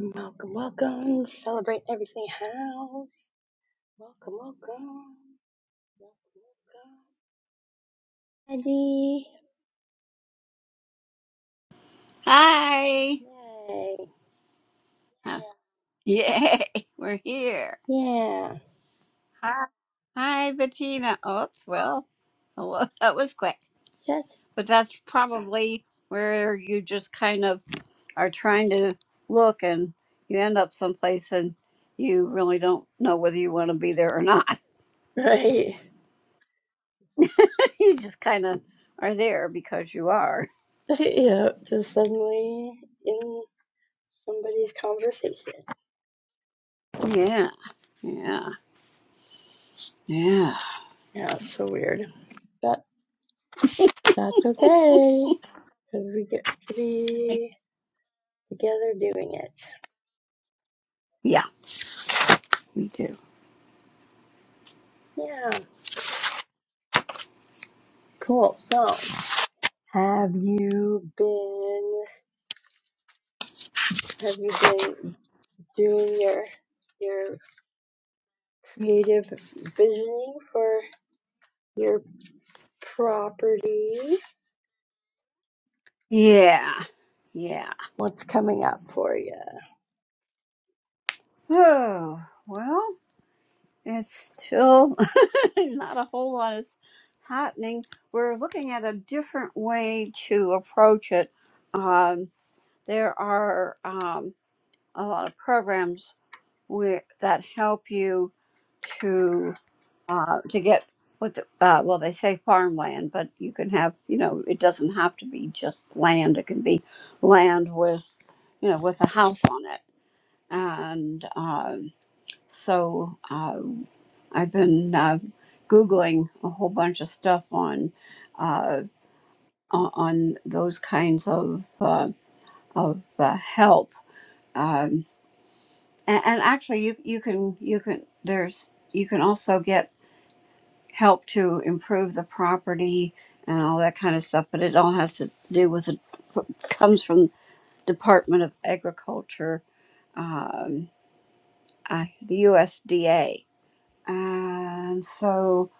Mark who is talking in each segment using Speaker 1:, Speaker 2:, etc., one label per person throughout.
Speaker 1: Welcome, welcome. Celebrate Everything House. Welcome, welcome. Welcome, welcome. Ready?
Speaker 2: Hi.
Speaker 1: Yay.
Speaker 2: Huh. Yay, we're here.
Speaker 1: Yeah.
Speaker 2: Hi. Hi, Bettina. Oops, well, Oh, well, that was quick.
Speaker 1: Just
Speaker 2: But that's probably where you just kind of are trying to look and you end up someplace and you really don't know whether you want to be there or not.
Speaker 1: right.
Speaker 2: you just kind of are there because you are.
Speaker 1: yeah. Just suddenly in somebody's conversation.
Speaker 2: Yeah, yeah, yeah.
Speaker 1: Yeah, it's so weird. But that's okay. Because we get to be together doing it.
Speaker 2: Yeah, we do.
Speaker 1: Yeah. Cool. So have you been have you been doing your your creative visioning for your property.
Speaker 2: Yeah, yeah.
Speaker 1: What's coming up for you?
Speaker 2: Oh, well. It's still not a whole lot is happening. We're looking at a different way to approach it. Um, there are um, a lot of programs where, that help you to uh, to get what the, uh, well they say farmland, but you can have you know it doesn't have to be just land. It can be land with you know with a house on it, and um, so. Uh, I've been uh, googling a whole bunch of stuff on uh, on on those kinds of uh, of uh, help, um, and, and actually, you you can you can there's you can also get help to improve the property and all that kind of stuff. But it all has to do with it comes from Department of Agriculture, um, uh, the USDA and so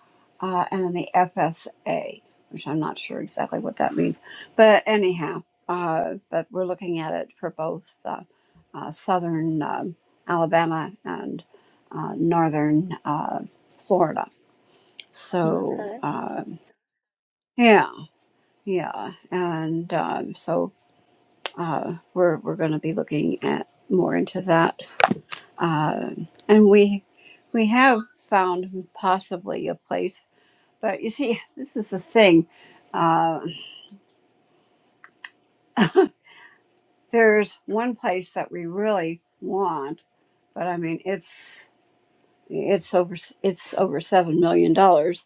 Speaker 2: uh, and then the FSA, which I'm not sure exactly what that means, but anyhow, uh, but we're looking at it for both uh, uh, southern um Alabama and uh, northern uh, Florida. So
Speaker 1: Okay.
Speaker 2: um yeah, yeah, and um, so uh, we're we're going to be looking at more into that, Um and we we have found possibly a place But you see, this is the thing. Uh, there's one place that we really want, but I mean, it's it's over it's over seven million dollars,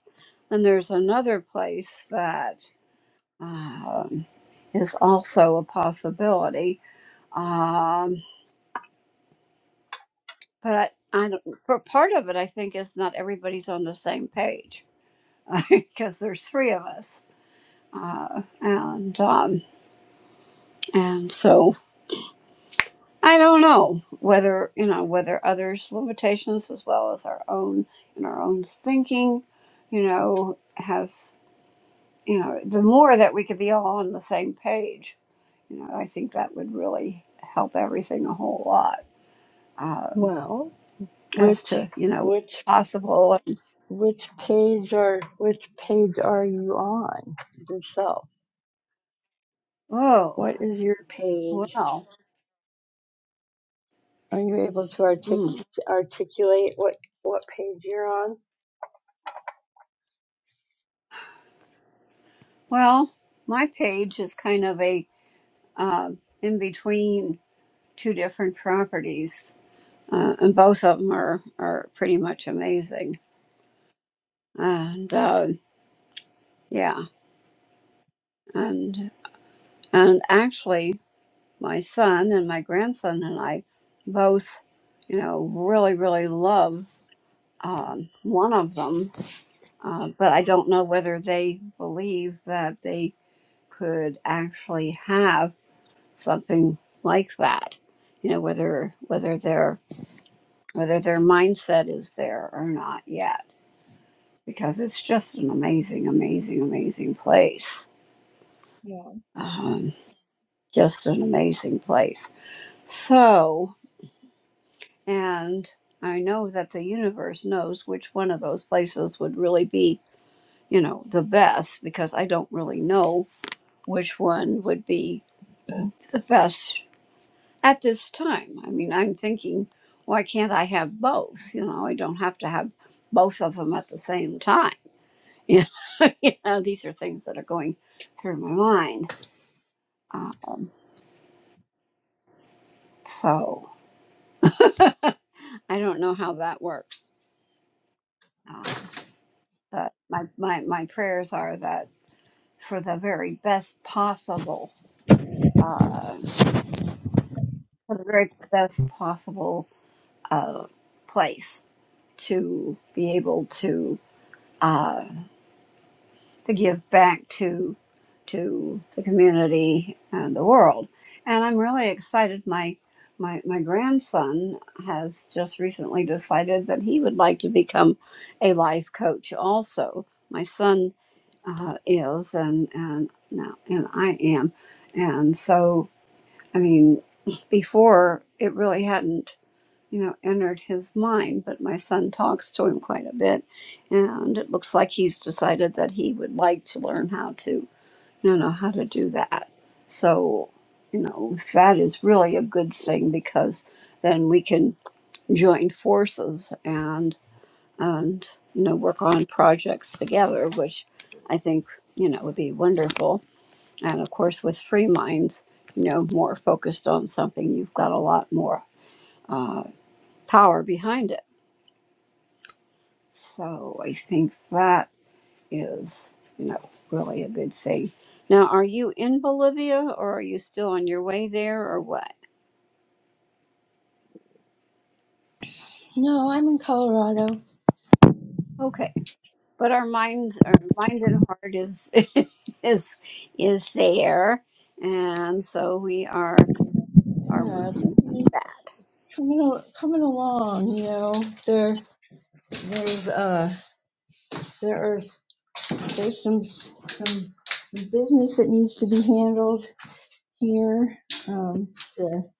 Speaker 2: and there's another place that um, is also a possibility. Um, but I, I don't, for part of it, I think is not everybody's on the same page because there's three of us, uh, and um, and so. I don't know whether you know whether others' limitations as well as our own and our own thinking, you know, has you know the more that we could be all on the same page, you know, I think that would really help everything a whole lot um,
Speaker 1: Well,
Speaker 2: as
Speaker 1: which
Speaker 2: to you know
Speaker 1: which
Speaker 2: possible. And,
Speaker 1: which page are which page are you on yourself?
Speaker 2: whoa,
Speaker 1: What is your page?
Speaker 2: well,
Speaker 1: Are you able to artic-
Speaker 2: mm,
Speaker 1: articulate what what page you're on?
Speaker 2: well, my page is kind of a um, in between two different properties uh, and both of them are are pretty much amazing. And uh, yeah, and and actually, my son and my grandson and I both, you know, really really love um, one of them, uh, but I don't know whether they believe that they could actually have something like that. You know, whether whether their whether their mindset is there or not yet because it's just an amazing, amazing, amazing place.
Speaker 1: Yeah.
Speaker 2: Um, just an amazing place. So, and I know that the universe knows which one of those places would really be, you know, the best because I don't really know which one would be the best at this time. I mean, I'm thinking, why can't I have both? You know, I don't have to have both of them at the same time. You know, you know these are things that are going through my mind Um, so I don't know how that works, uh, but my, my my prayers are that for the very best possible, uh, for the very best possible uh, place to be able to. Uh, to give back to to the community and the world. And I'm really excited. My my my grandson has just recently decided that he would like to become a life coach. Also, my son uh, is, and and now and I am, and so I mean, before it really hadn't you know, entered his mind, but my son talks to him quite a bit, and it looks like he's decided that he would like to learn how to, you know, how to do that. So, you know, that is really a good thing because then we can join forces and and you know work on projects together, which I think you know would be wonderful. And of course, with three minds, you know, more focused on something, you've got a lot more uh, power behind it So I think that is, you know, really a good thing. Now, are you in Bolivia or are you still on your way there or what?
Speaker 1: no, I'm in Colorado.
Speaker 2: Okay. But our minds our mind and heart is is is there and so we are are
Speaker 1: Yeah,
Speaker 2: working on that.
Speaker 1: coming coming along. You know, there there's uh. there are, there's some, some, some business that needs to be handled here. Um, the-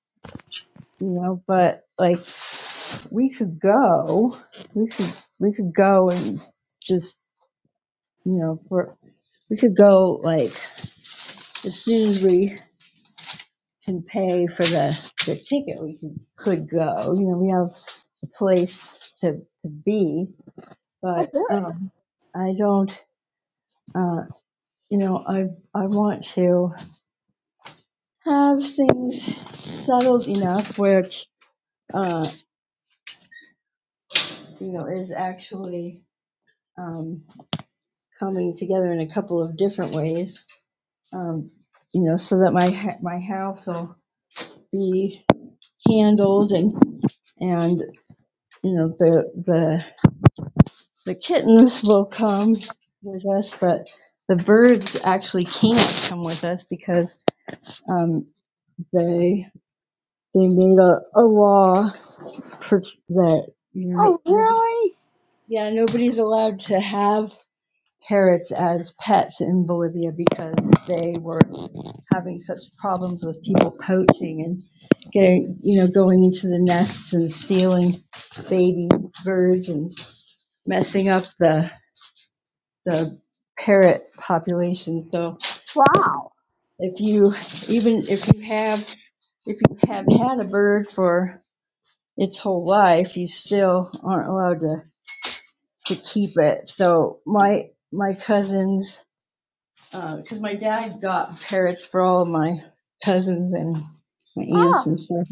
Speaker 1: you know, but like we could go, we could, we could go and just, you know, for, we could go like as soon as we can pay for the, the ticket, we could, could go. You know, we have a place to, to be, but, um, I don't, uh, you know, I, I want to. have things settled enough where it, uh, you know is actually um, coming together in a couple of different ways. Um, you know, so that my ha- my house will be handled and and you know the the the kittens will come with us, but the birds actually can't come with us because um, they they made a, a law for that you
Speaker 2: Oh
Speaker 1: know
Speaker 2: really?
Speaker 1: Yeah, nobody's allowed to have parrots as pets in Bolivia because they were having such problems with people poaching and getting, you know, going into the nests and stealing baby birds and messing up the the parrot population. So
Speaker 2: Wow.
Speaker 1: if you even if you have if you have had a bird for its whole life, you still aren't allowed to to keep it. So my my cousins because uh, my dad got parrots for all of my cousins and my aunts
Speaker 2: Oh.
Speaker 1: and stuff.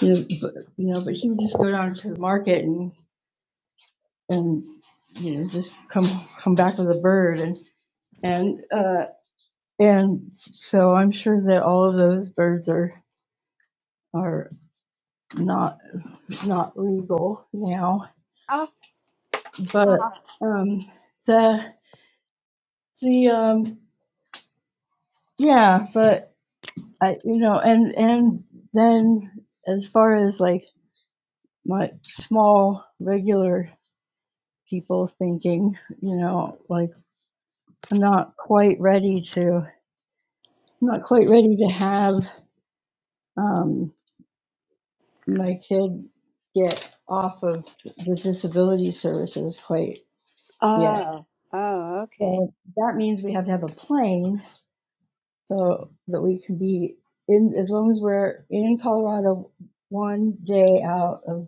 Speaker 1: You know, but, you know, but he would just go down to the market and and you know just come come back with a bird and and uh and so I'm sure that all of those birds are are not not legal now.
Speaker 2: Oh.
Speaker 1: But
Speaker 2: Oh.
Speaker 1: um the the um yeah, but I you know and and then as far as like My small regular people thinking you know like i'm not quite ready to i'm not quite ready to have um, my kid get off of the disability services quite yet
Speaker 2: Oh, oh okay.
Speaker 1: so that means we have to have a plane so that we can be in as long as we're in colorado one day out of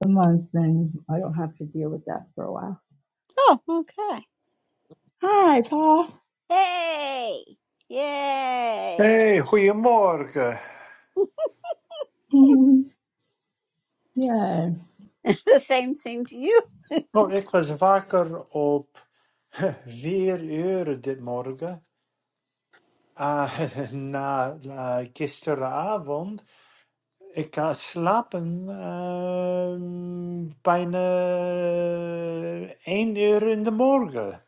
Speaker 1: the month then i don't have to deal with that for a while
Speaker 2: Oh, okay.
Speaker 1: hi paul
Speaker 2: Hey. Yay.
Speaker 3: Hey, goedemorgen.
Speaker 1: yeah
Speaker 2: the same thing to you.
Speaker 3: Nou, ik was wakker op vier uur dit morgen. Ah, na na gisteravond. Ik kan slapen ehm, bijna één uur in de morgen.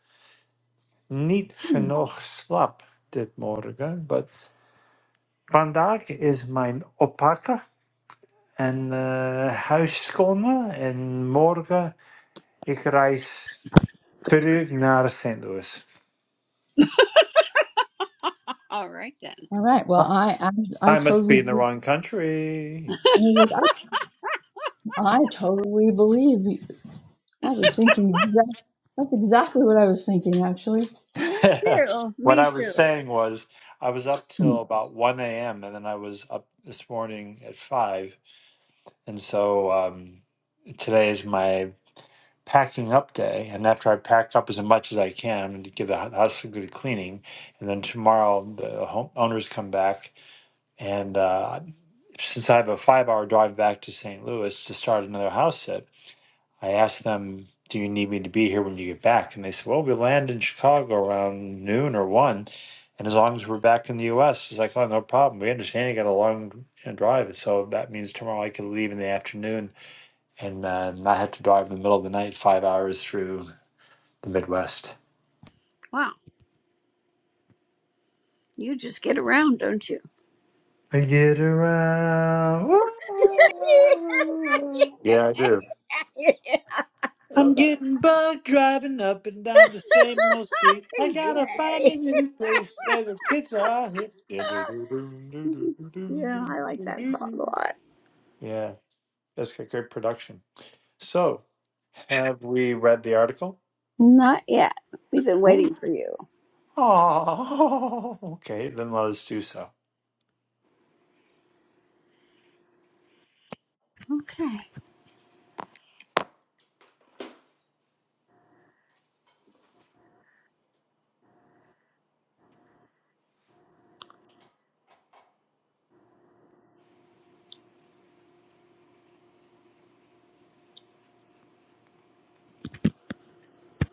Speaker 3: Niet
Speaker 1: Hmm.
Speaker 3: genoeg slaap dit morgen. Maar vandaag is mijn oppakken en eh huis schonen. En morgen ik reis terug naar St. Louis.
Speaker 2: All right then.
Speaker 1: All right. Well,
Speaker 3: I
Speaker 1: I I, I
Speaker 3: I must
Speaker 1: totally
Speaker 3: be in the
Speaker 1: believe-
Speaker 3: wrong country.
Speaker 1: and he's like I I totally believe you. I was thinking exact, that's exactly what I was thinking actually.
Speaker 2: Me too.
Speaker 3: what
Speaker 2: Me
Speaker 3: I was
Speaker 2: too.
Speaker 3: saying was, I was up
Speaker 1: Hmm.
Speaker 3: till about 1 a.m. and then I was up this morning at 5. And so um, today is my packing up day. And after I pack up as much as I can, I'm going to give the hou- house a good cleaning. And then tomorrow, the home owners come back. And uh, since I have a five hour drive back to St. Louis to start another house sit, I asked them, Do you need me to be here when you get back? And they said, Well, we land in Chicago around noon or one. And as long as we're back in the US, it's like, Oh, no problem. We understand you got a long you know, drive. So that means tomorrow I could leave in the afternoon and uh, not have to drive in the middle of the night five hours through the Midwest.
Speaker 2: Wow, you just get around, don't you?
Speaker 3: I get around. Yeah, I do.
Speaker 2: yeah. I
Speaker 3: I'm
Speaker 2: love that.
Speaker 3: getting bugged driving up and down the same old street. I gotta find a
Speaker 2: Yay.
Speaker 3: new place where the kids are hip.
Speaker 2: yeah, I like that song a lot.
Speaker 3: Yeah, that's a great production. So, have we read the article?
Speaker 2: Not yet. We've been
Speaker 3: Ooh.
Speaker 2: waiting for you.
Speaker 3: Oh, okay. Then let us do so.
Speaker 2: Okay.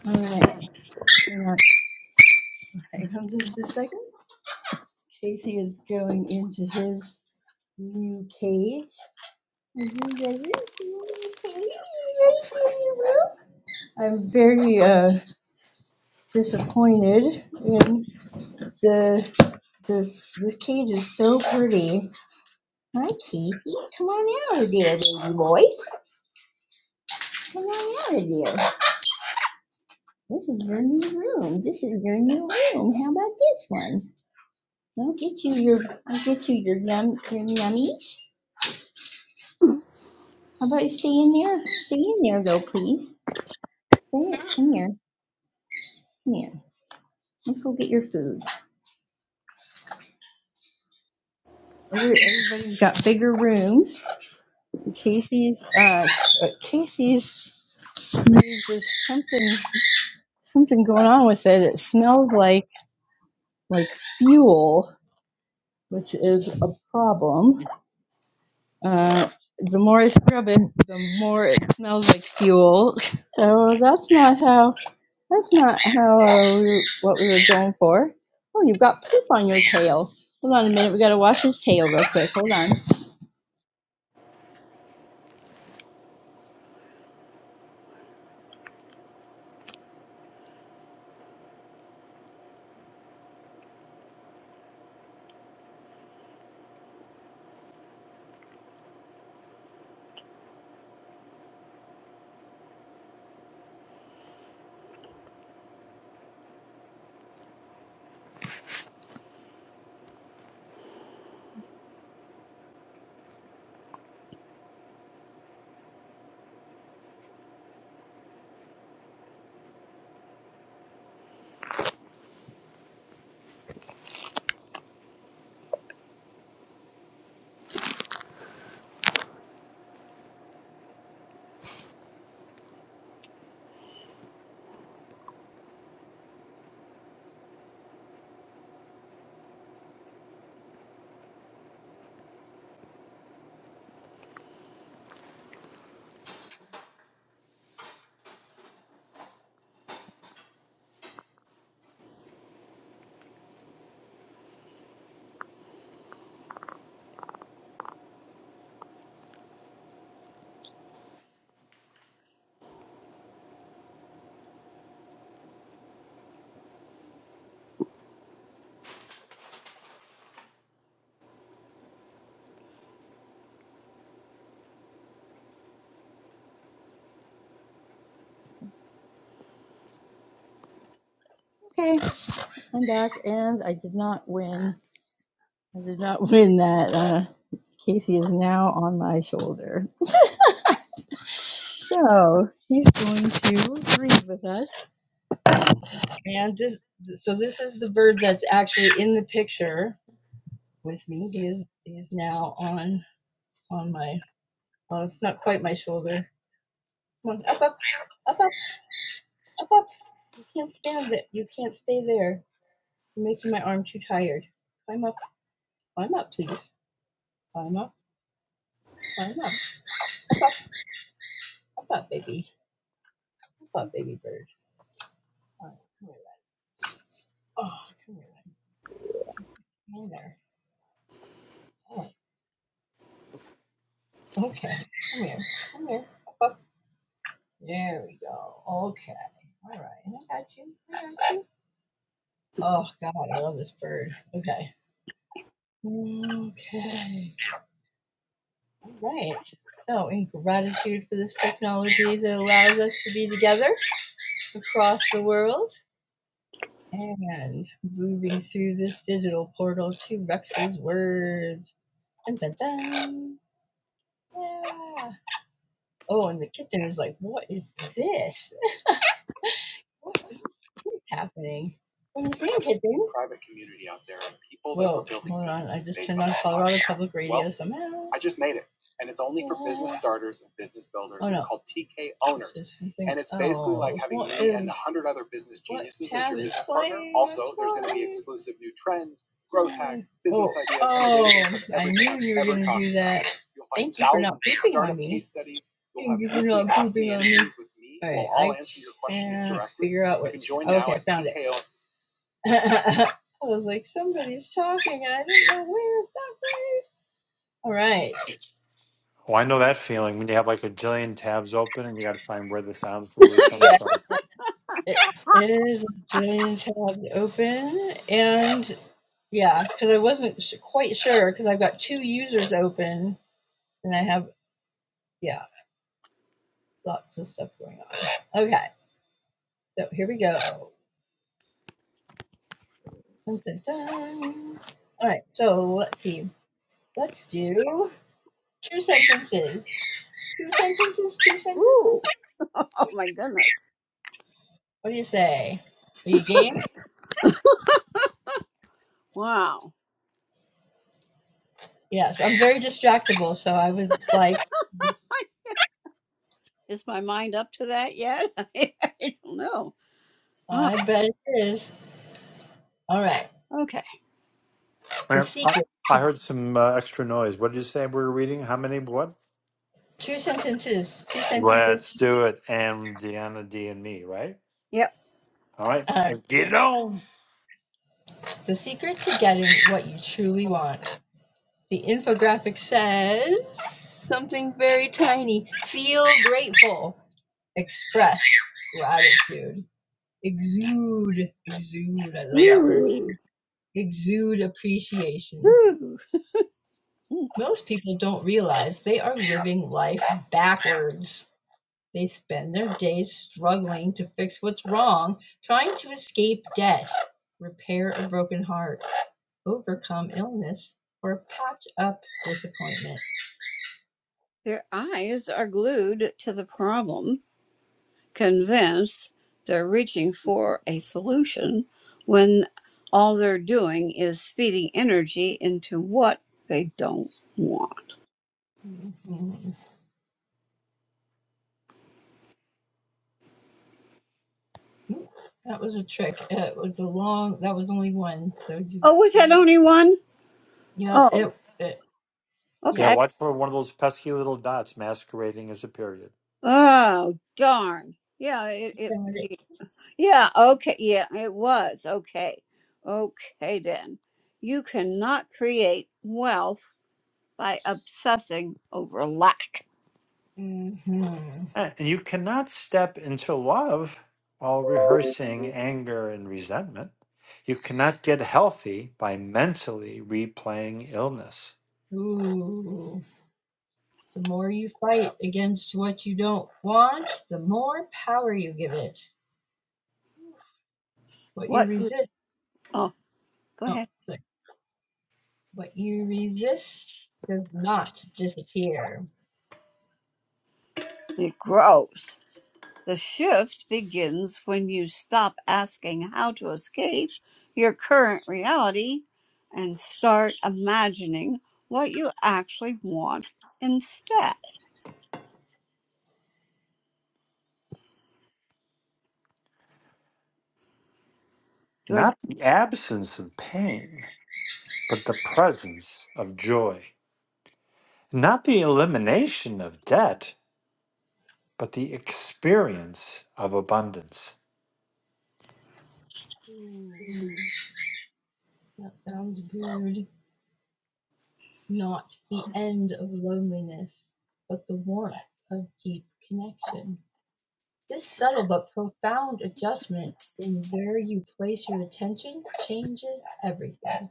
Speaker 1: All right. Hang on. Here comes just a second. Casey is going into his new cage. Are you ready? for your new cage? Are you ready for your new room? I'm very uh disappointed in the this this cage is so pretty Hi, Casey. Come on out, dear baby boy. Come on out, dear. This is your new room. This is your new room. How about this one? I'll get you your, I'll get you your yum, your yummy.
Speaker 2: Ooh.
Speaker 1: How about you stay in there? Stay in there, though, please. Stay it. Come here. Come here. Let's go get your food. Every- Everybody's got bigger rooms. Casey's, uh, uh, Casey's there's just something something going on with it. It smells like like fuel which is a problem. Uh, the more I scrub it, the more it smells like fuel. So that's not how. That's not how uh, we, what we were going for. Oh, you've got poop on your tail. Hold on a minute. We got to wash his tail real quick. Hold on. Okay, I'm back, and I did not win. I did not win that. Uh, Casey is now on my shoulder. So he's going to read with us And this, so this is the bird that's actually in the picture with me. He is, he is now on on my. Well, it's not quite my shoulder. Come on, up, up, up, up, up, up. You can't stand there. You can't stay there. You're making my arm too tired. Climb up, climb up, please. Climb up, climb up, up, up, up, up, baby, up, up, baby bird. All right, come here. Oh, come here. Come there. All right. Okay. Come here. Come here. Up, up. There we go. Okay. All right. I got you. I got you. Oh God, I love this bird. Okay. Okay. All right. So, in gratitude for this technology that allows us to be together across the world and moving through this digital portal to Rex's words. Dun, dun, dun. Yeah. Oh, and the kitten is like, what is this? What is happening? When you say kitten, public radio somehow. There's something. Figure out what found. I was like, somebody's talking, and I didn't know where exactly. All right.
Speaker 3: Oh, I know that feeling when you have like a jillion tabs open and you got to find where the sounds really come
Speaker 1: Yeah,
Speaker 3: from.
Speaker 1: it, it is Jillian tab open, and yeah, because I wasn't sh- quite sure because I've got two users open, and I have yeah, lots of stuff going on. Okay, so here we go. Dun, dun, dun. All right, so let's see. Let's do two sentences. Two sentences. Two sentences.
Speaker 2: Oh my goodness.
Speaker 1: What do you say? Are you game?
Speaker 2: Wow.
Speaker 1: Yes, I'm very distractible, so I was like,
Speaker 2: I, is my mind up to that yet? I don't know. Huh.
Speaker 1: I bet it is. All right,
Speaker 2: Okay.
Speaker 1: the
Speaker 3: I
Speaker 1: secret. To,
Speaker 3: I heard some uh, extra noise. What did you say we were reading? How many? What?
Speaker 1: two sentences. Two sentences.
Speaker 3: Let's do it. And Deanna D and me, right?
Speaker 2: Yep.
Speaker 3: All right.
Speaker 1: Uh,
Speaker 3: Let's get it on.
Speaker 1: the secret to getting what you truly want. The infographic says something very tiny. Feel grateful. Express gratitude. Exude. Exude. I love that word.
Speaker 2: Ooh.
Speaker 1: Exude appreciation.
Speaker 2: Ooh.
Speaker 1: Most people don't realize they are living life backwards They spend their days struggling to fix what's wrong, trying to escape debt, repair a broken heart, overcome illness, or patch up disappointment.
Speaker 2: Their eyes are glued to the problem, convinced they're reaching for a solution when all they're doing is feeding energy into what they don't want.
Speaker 1: Mhm. Mm, That was a trick. Uh, It was a long. That was only one. So do
Speaker 2: Oh, was
Speaker 1: do
Speaker 2: that
Speaker 1: one.
Speaker 2: only one?
Speaker 1: Yep.
Speaker 2: Oh,
Speaker 1: It. it
Speaker 3: Yeah,
Speaker 2: okay.
Speaker 1: yep.
Speaker 3: watch for one of those pesky little dots masquerading as a period.
Speaker 2: Oh, darn. Yeah, it, it
Speaker 1: Got it.
Speaker 2: y- yeah, okay. Yeah, it was. Okay. Okay then. You cannot create wealth by obsessing over lack.
Speaker 1: hmm
Speaker 3: Eh, And you cannot step into love while rehearsing anger and resentment. You cannot get healthy by mentally replaying illness.
Speaker 1: Ooh. The more you fight against what you don't want, the more power you give it. What you
Speaker 2: What you
Speaker 1: resist.
Speaker 2: Oh, go
Speaker 1: Oh,
Speaker 2: ahead.
Speaker 1: sorry. What you resist does not disappear.
Speaker 2: It grows. The shift begins when you stop asking how to escape your current reality and start imagining what you actually want instead. Your
Speaker 3: Not the absence of pain, but the presence of joy. Not the elimination of debt, but the experience of abundance.
Speaker 1: Ooh, that sounds good. Not the end of loneliness, but the warmth of deep connection. This subtle but profound adjustment in where you place your attention changes everything.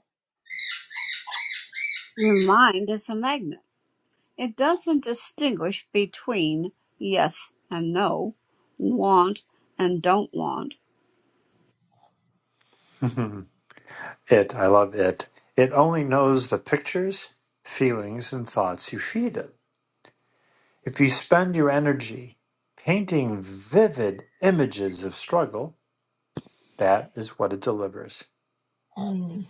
Speaker 2: your mind is a magnet. It doesn't distinguish between yes and no, want and don't want.
Speaker 3: It, I love it. It only knows the pictures, feelings, and thoughts you feed it. If you spend your energy painting vivid images of struggle, that is what it delivers.
Speaker 1: Hmm.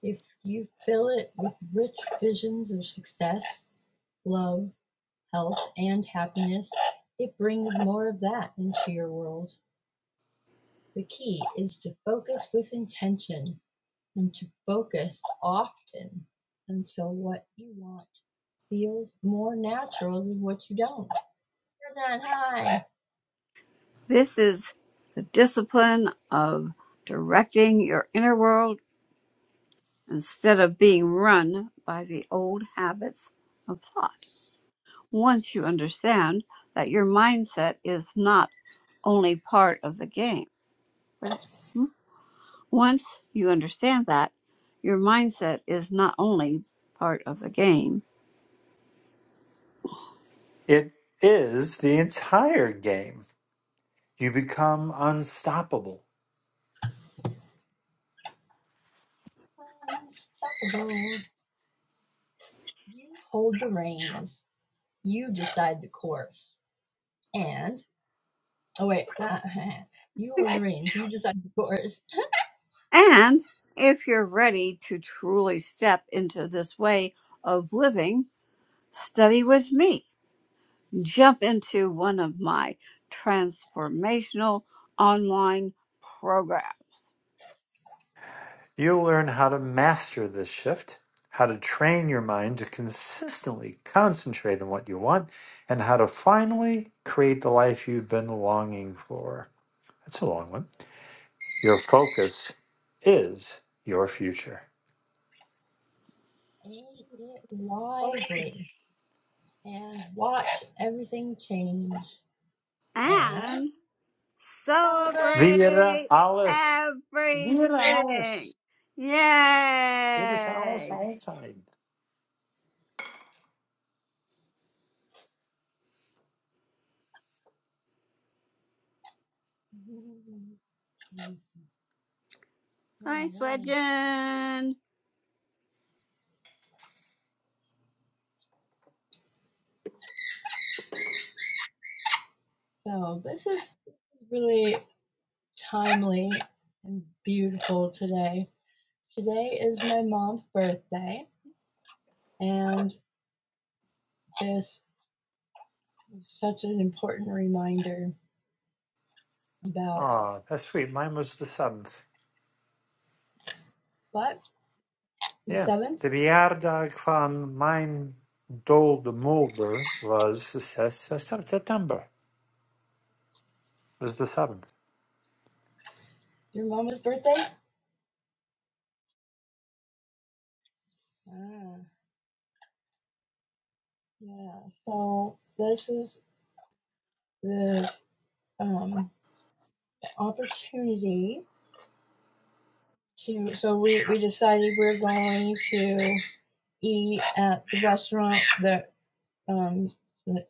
Speaker 1: If you fill it with rich visions of success, love, health, and happiness, it brings more of that into your world. The key is to focus with intention and to focus often until what you want feels more natural than what you don't. You're not high,
Speaker 2: This is the discipline of directing your inner world instead of being run by the old habits of thought. Once you understand that your mindset is not only part of the game, but it- hmm? once you understand that your mindset is not only part of the game,
Speaker 3: It is the entire game. You become unstoppable.
Speaker 1: unstoppable. You hold the reins. You decide the course. And oh wait, uh, you hold the
Speaker 2: Okay.
Speaker 1: reins. You decide the course.
Speaker 2: and if you're ready to truly step into this way of living, study with me. jump into one of my transformational online programs
Speaker 3: You'll learn how to master this shift, how to train your mind to consistently concentrate on what you want, and how to finally create the life you've been longing for. That's a long one. Your focus is your future.
Speaker 1: Aim it wisely and watch everything change and
Speaker 2: and
Speaker 1: celebrate.
Speaker 3: Wir
Speaker 2: celebrate
Speaker 3: alles. Wir
Speaker 2: everything.
Speaker 3: alles. It is alles
Speaker 2: Yay!
Speaker 3: altijd.
Speaker 1: Mhm. All
Speaker 2: Thanks,
Speaker 1: right.
Speaker 2: legend.
Speaker 1: So this is, this is really timely and beautiful today. Today is my mom's birthday, and this is such an important reminder about
Speaker 3: Oh, that's sweet. Mine was the seventh.
Speaker 1: what the
Speaker 3: Yeah.
Speaker 1: seventh,
Speaker 3: De verjaardag van mijn dode moeder was the se- se- September. Was the seventh.
Speaker 1: your mom's birthday. Ah, yeah. So this is the um opportunity to. So we we decided we're going to eat at the restaurant that um, that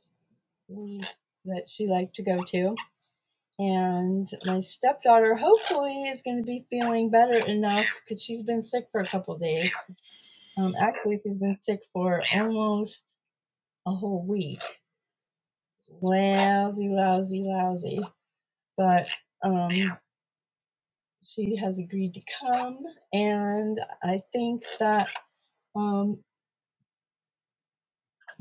Speaker 1: we- that she liked to go to. And my stepdaughter hopefully is going to be feeling better enough because she's been sick for a couple of days. Um, actually, she's been sick for almost a whole week. Lousy, lousy, lousy. But um, she has agreed to come, and I think that um,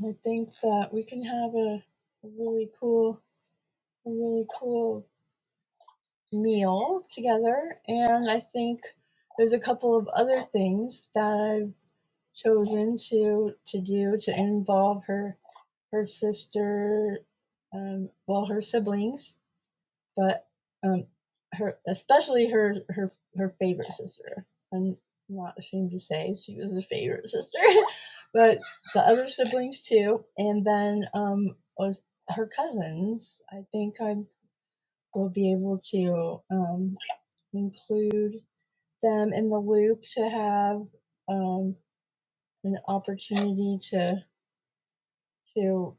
Speaker 1: I think that we can have a, a really cool, a really cool meal together, and I think there's a couple of other things that I've chosen to to do to involve her her sister, um, well her siblings, but um, her especially her her her favorite sister. I'm not ashamed to say she was a favorite sister, but the other siblings too, and then um, was her cousins. I think i will be able to um, include them in the loop to have um, an opportunity to to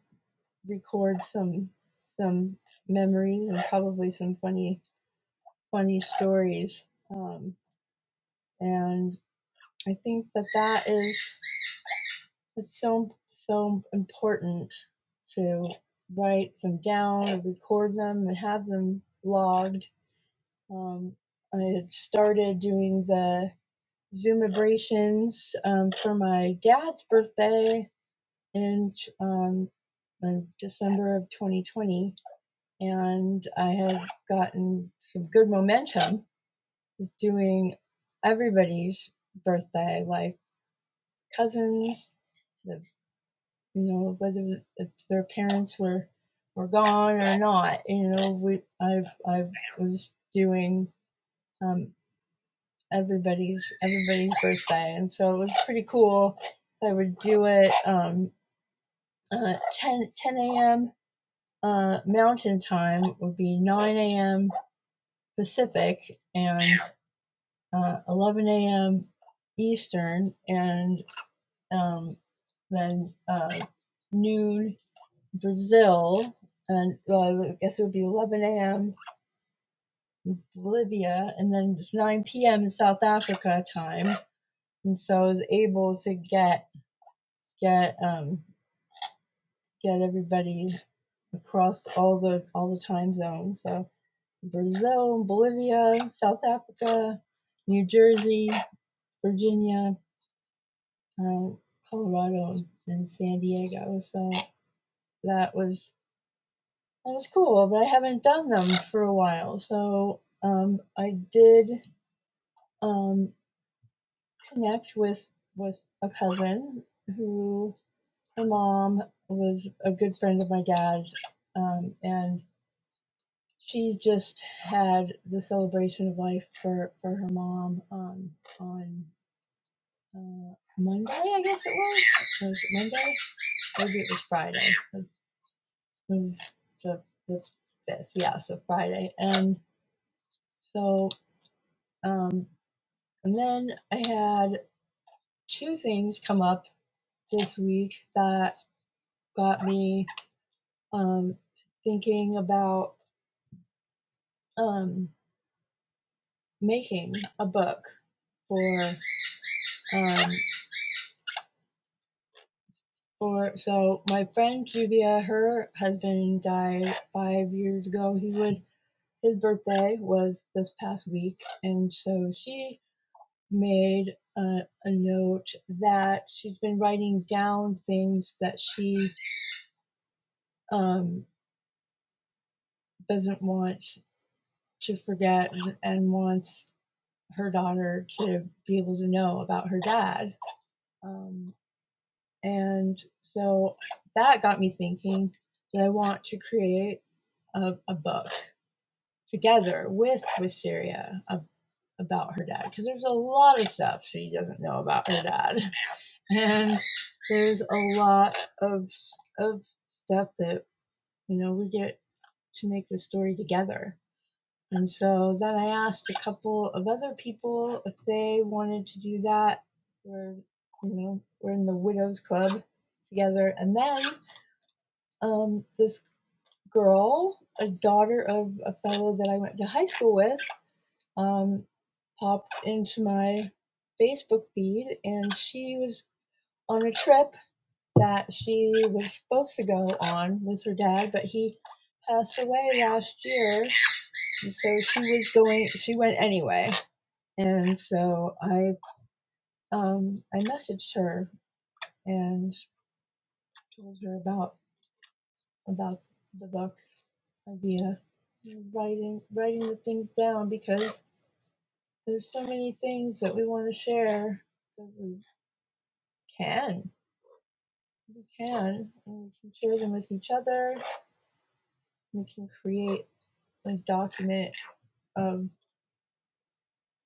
Speaker 1: record some some memories and probably some funny funny stories. Um, and I think that that is it's so so important to write them down and record them and have them logged. Um, I had started doing the Zoom abrasions um, for my dad's birthday in um, December of 2020, and I have gotten some good momentum with doing everybody's birthday, like cousins, the, you know, whether if their parents were were gone or not. You know, we I've I've was doing um, everybody's everybody's birthday, and so it was pretty cool. I would do it um, uh, 10 a.m. Uh, Mountain Time would be 9 a.m. Pacific and uh, 11 a.m. Eastern, and um, then uh, noon Brazil, and well, I guess it would be 11 a.m. Bolivia, and then it's 9 p.m. South Africa time. And so I was able to get get um get everybody across all the all the time zones. So Brazil, Bolivia, South Africa, New Jersey, Virginia, um, Colorado, and San Diego. So that was that was cool, but I haven't done them for a while. So um, I did um, connect with with a cousin who her mom was a good friend of my dad's, um, and she just had the celebration of life for for her mom um on uh, Monday, I guess it was. Was it Monday? Maybe it was Friday. It was the fifth. Yeah, so Friday. And so um and then I had two things come up this week that got me um thinking about um making a book for um Or so my friend Juvia, her husband died five years ago. He would his birthday was this past week, and so she made a, a note that she's been writing down things that she um, doesn't want to forget and wants her daughter to be able to know about her dad. Um, and so that got me thinking that I want to create a, a book together with Wisteria of, about her dad because there's a lot of stuff she doesn't know about her dad, and there's a lot of of stuff that you know we get to make the story together. And so then I asked a couple of other people if they wanted to do that. We're you know we're in the widows club together, and then um, this girl, a daughter of a fellow that I went to high school with, um, popped into my Facebook feed, and she was on a trip that she was supposed to go on with her dad, but he passed away last year, and so she was going. She went anyway, and so I um, I messaged her and told her about about the book idea, writing writing the things down because there's so many things that we want to share that we can We can. And we can share them with each other. We can create a document of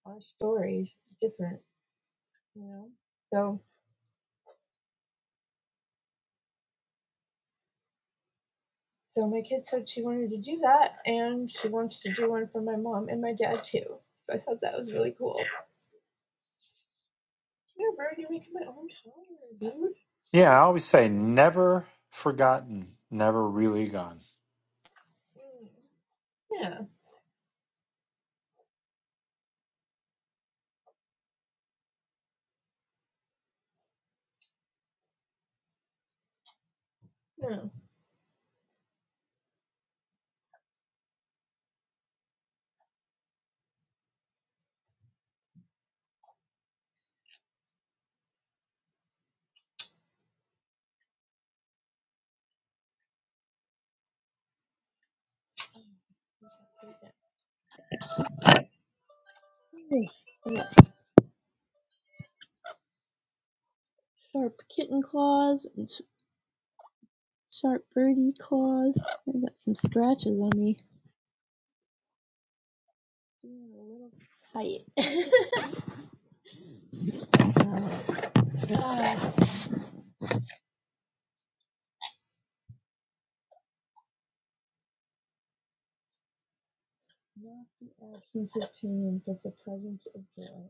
Speaker 1: our stories different, you know? So so my kid said she wanted to do that and she wants to do one for my mom and my dad too. So I thought that was really cool. Yeah, bro, you're making my own calendar, dude.
Speaker 3: Yeah, I always say never forgotten, never really gone.
Speaker 1: Mm. Yeah. No. Hey, I got sharp kitten claws and sharp birdie claws. I got some scratches on me. Being a little tight. Ah, not the absence of pain, but the presence of joy.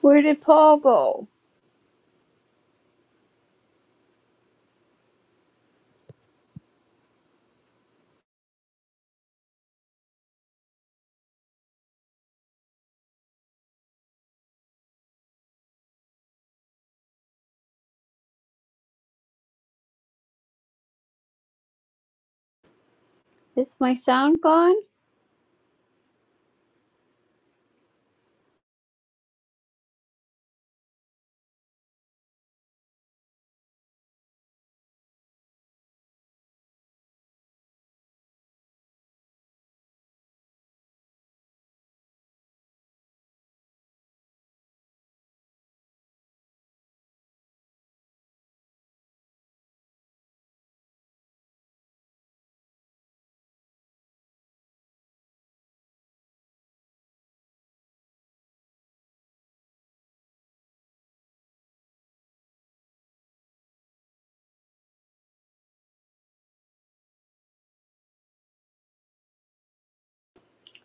Speaker 2: Where did Paul go? Is my sound gone?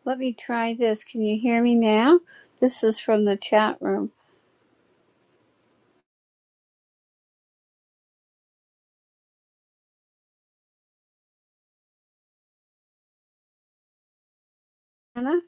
Speaker 2: Let me try this. Can you hear me now? This is from the chat room. Anna,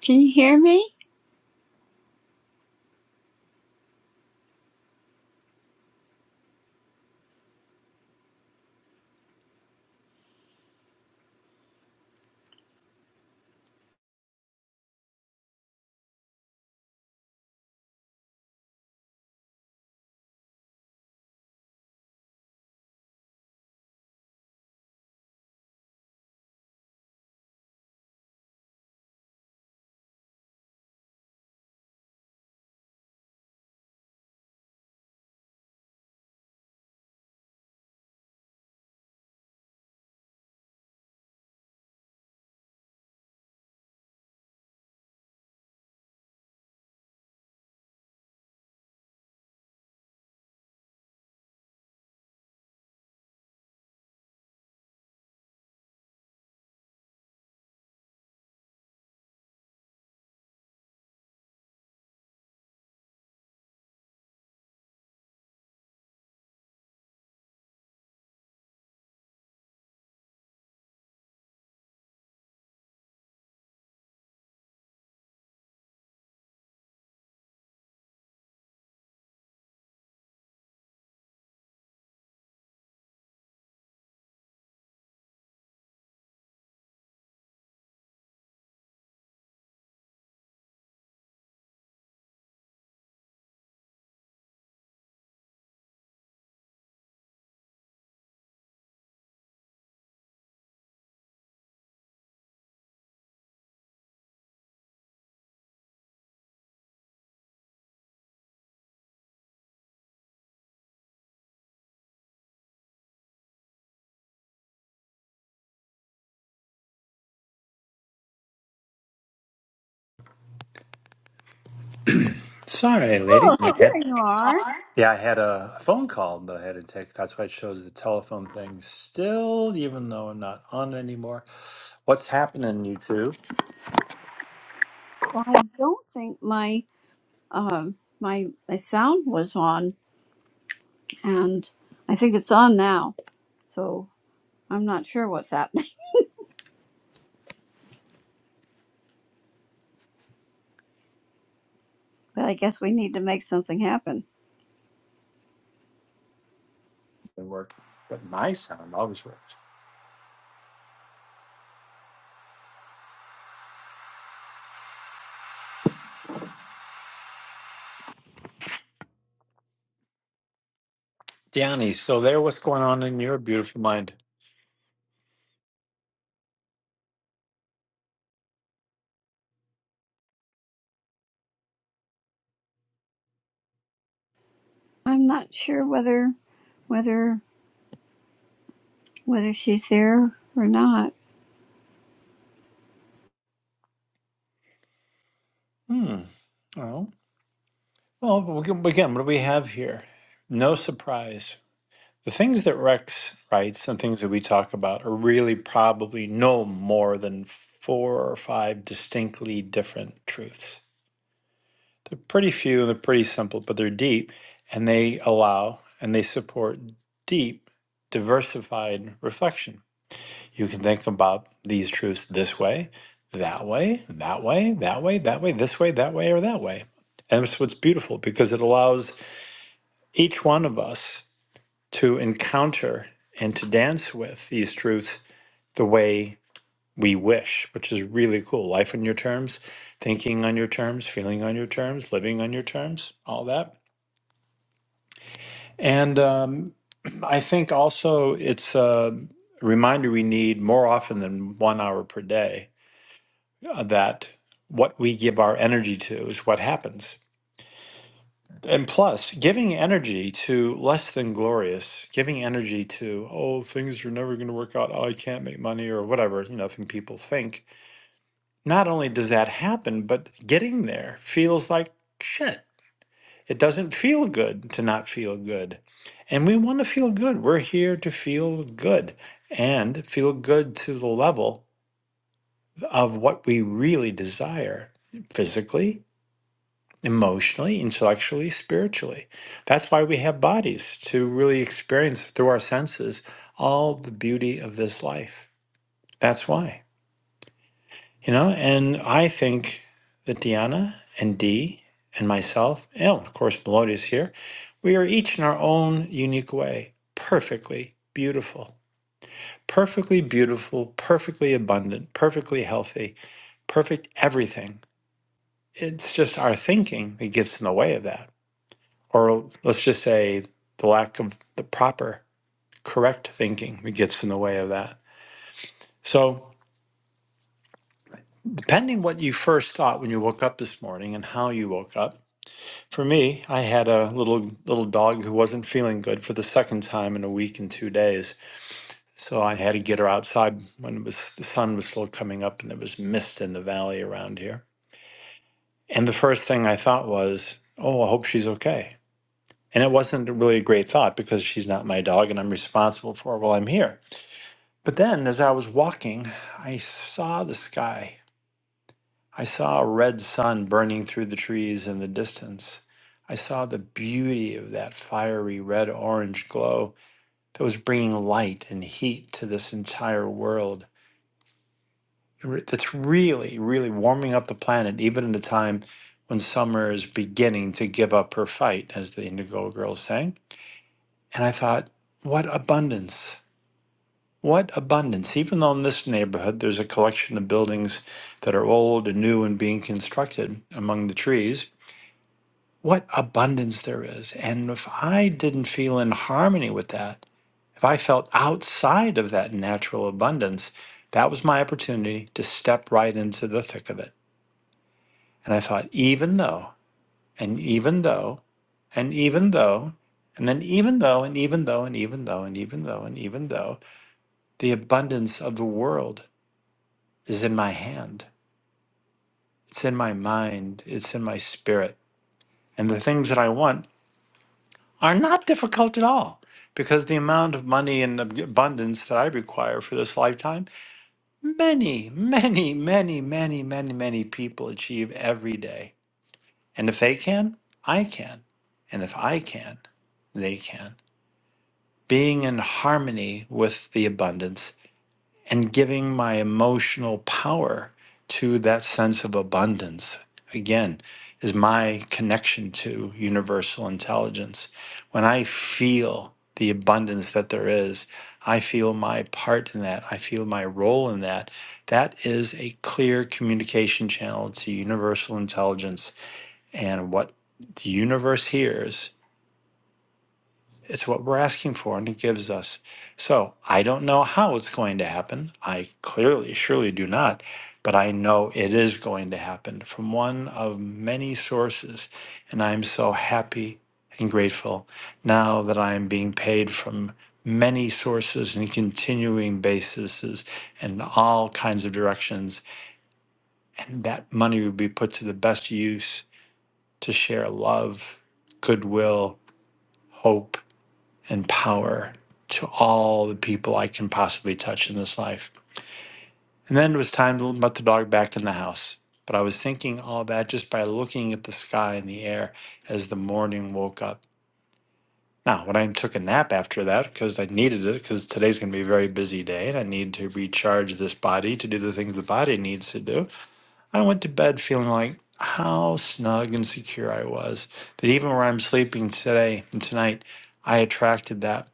Speaker 2: can you hear me?
Speaker 3: Sorry,
Speaker 2: Oh,
Speaker 3: lady.
Speaker 2: there you are.
Speaker 3: Yeah, I had a phone call that I had to take. That's why it shows the telephone thing still, even though I'm not on it anymore. What's happening, you two?
Speaker 2: Well, I don't think my um, my my sound was on, and I think it's on now. So I'm not sure what's happening, but I guess we need to make something happen.
Speaker 3: It worked, but my sound always works. Danny, so there, what's going on in your beautiful mind?
Speaker 2: I'm not sure whether whether whether she's there or not.
Speaker 3: Hmm. Oh, well, we can- again, what do we have here? No surprise. The things that Rex writes and things that we talk about are really probably no more than four or five distinctly different truths. They're pretty few and they're pretty simple, but they're deep and they allow and they support deep, diversified reflection. You can think about these truths this way, that way, that way, that way, that way, this way, that way, or that way. And that's what's beautiful because it allows each one of us to encounter and to dance with these truths the way we wish, which is really cool. Life on your terms, thinking on your terms, feeling on your terms, living on your terms, all that. And um, I think also it's a reminder we need more often than one hour per day uh, that what we give our energy to is what happens. And plus, giving energy to less than glorious, giving energy to, oh, things are never going to work out, oh, I can't make money, or whatever, you know, thing people think. Not only does that happen, but getting there feels like shit It doesn't feel good to not feel good. And we want to feel good. We're here to feel good and feel good to the level of what we really desire physically, emotionally, intellectually, spiritually. That's why we have bodies to really experience through our senses all the beauty of this life. That's why. You know, and I think that Diana and Dee and myself, and of course, Melody is here, we are each in our own unique way, perfectly beautiful, perfectly beautiful, perfectly abundant, perfectly healthy, perfect everything. It's just our thinking that gets in the way of that. Or let's just say the lack of the proper, correct thinking that gets in the way of that. So, depending what you first thought when you woke up this morning and how you woke up, For me, I had a little little dog who wasn't feeling good for the second time in a week and two days. So I had to get her outside when it was the sun was still coming up and there was mist in the valley around here. And the first thing I thought was, "Oh, I hope she's okay." And it wasn't really a great thought because she's not my dog and I'm responsible for her while I'm here. But then as I was walking, I saw the sky I saw a red sun burning through the trees in the distance. I saw the beauty of that fiery red orange glow that was bringing light and heat to this entire world. Re- That's really, really warming up the planet, even at a time when summer is beginning to give up her fight, as the Indigo Girls sang. And I thought, what abundance! What abundance! Even though in this neighborhood there's a collection of buildings that are old and new and being constructed among the trees, what abundance there is. And if I didn't feel in harmony with that, if I felt outside of that natural abundance, that was my opportunity to step right into the thick of it. And I thought, even though, and even though, and even though, and then even though, and even though, and even though, and even though, and even though, the abundance of the world is in my hand. It's in my mind. It's in my spirit. And the things that I want are not difficult at all because the amount of money and ab- abundance that I require for this lifetime, many, many, many, many, many, many people achieve every day. And if they can, I can. And if I can, they can. Being in harmony with the abundance and giving my emotional power to that sense of abundance again is my connection to universal intelligence when i feel the abundance that there is i feel my part in that i feel my role in that that is a clear communication channel to universal intelligence and what the universe hears it's what we're asking for, and it gives us. So I don't know how it's going to happen. I clearly, surely do not, but I know it is going to happen from one of many sources. And I'm so happy and grateful now that I am being paid from many sources and continuing bases and all kinds of directions. And that money would be put to the best use to share love, goodwill, hope and power to all the people I can possibly touch in this life. And then it was time to let the dog back in the house. But I was thinking all that just by looking at the sky and the air as the morning woke up. Now, when I took a nap after that, because I needed it, because today's going to be a very busy day and I need to recharge this body to do the things the body needs to do, I went to bed feeling like how snug and secure I was that even where I'm sleeping today and tonight, I attracted that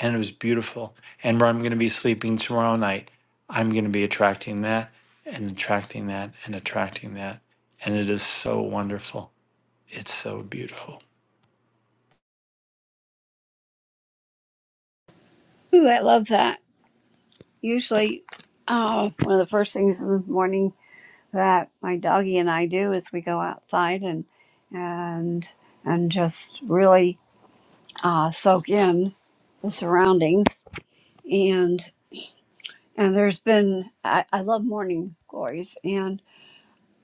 Speaker 3: and it was beautiful. And where I'm going to be sleeping tomorrow night, I'm going to be attracting that and attracting that and attracting that. And it is so wonderful. It's so beautiful.
Speaker 2: Ooh, I love that. Usually, uh, one of the first things in the morning that my doggie and I do is we go outside and and and just really uh, soak in the surroundings And there's been, I, I love morning glories. And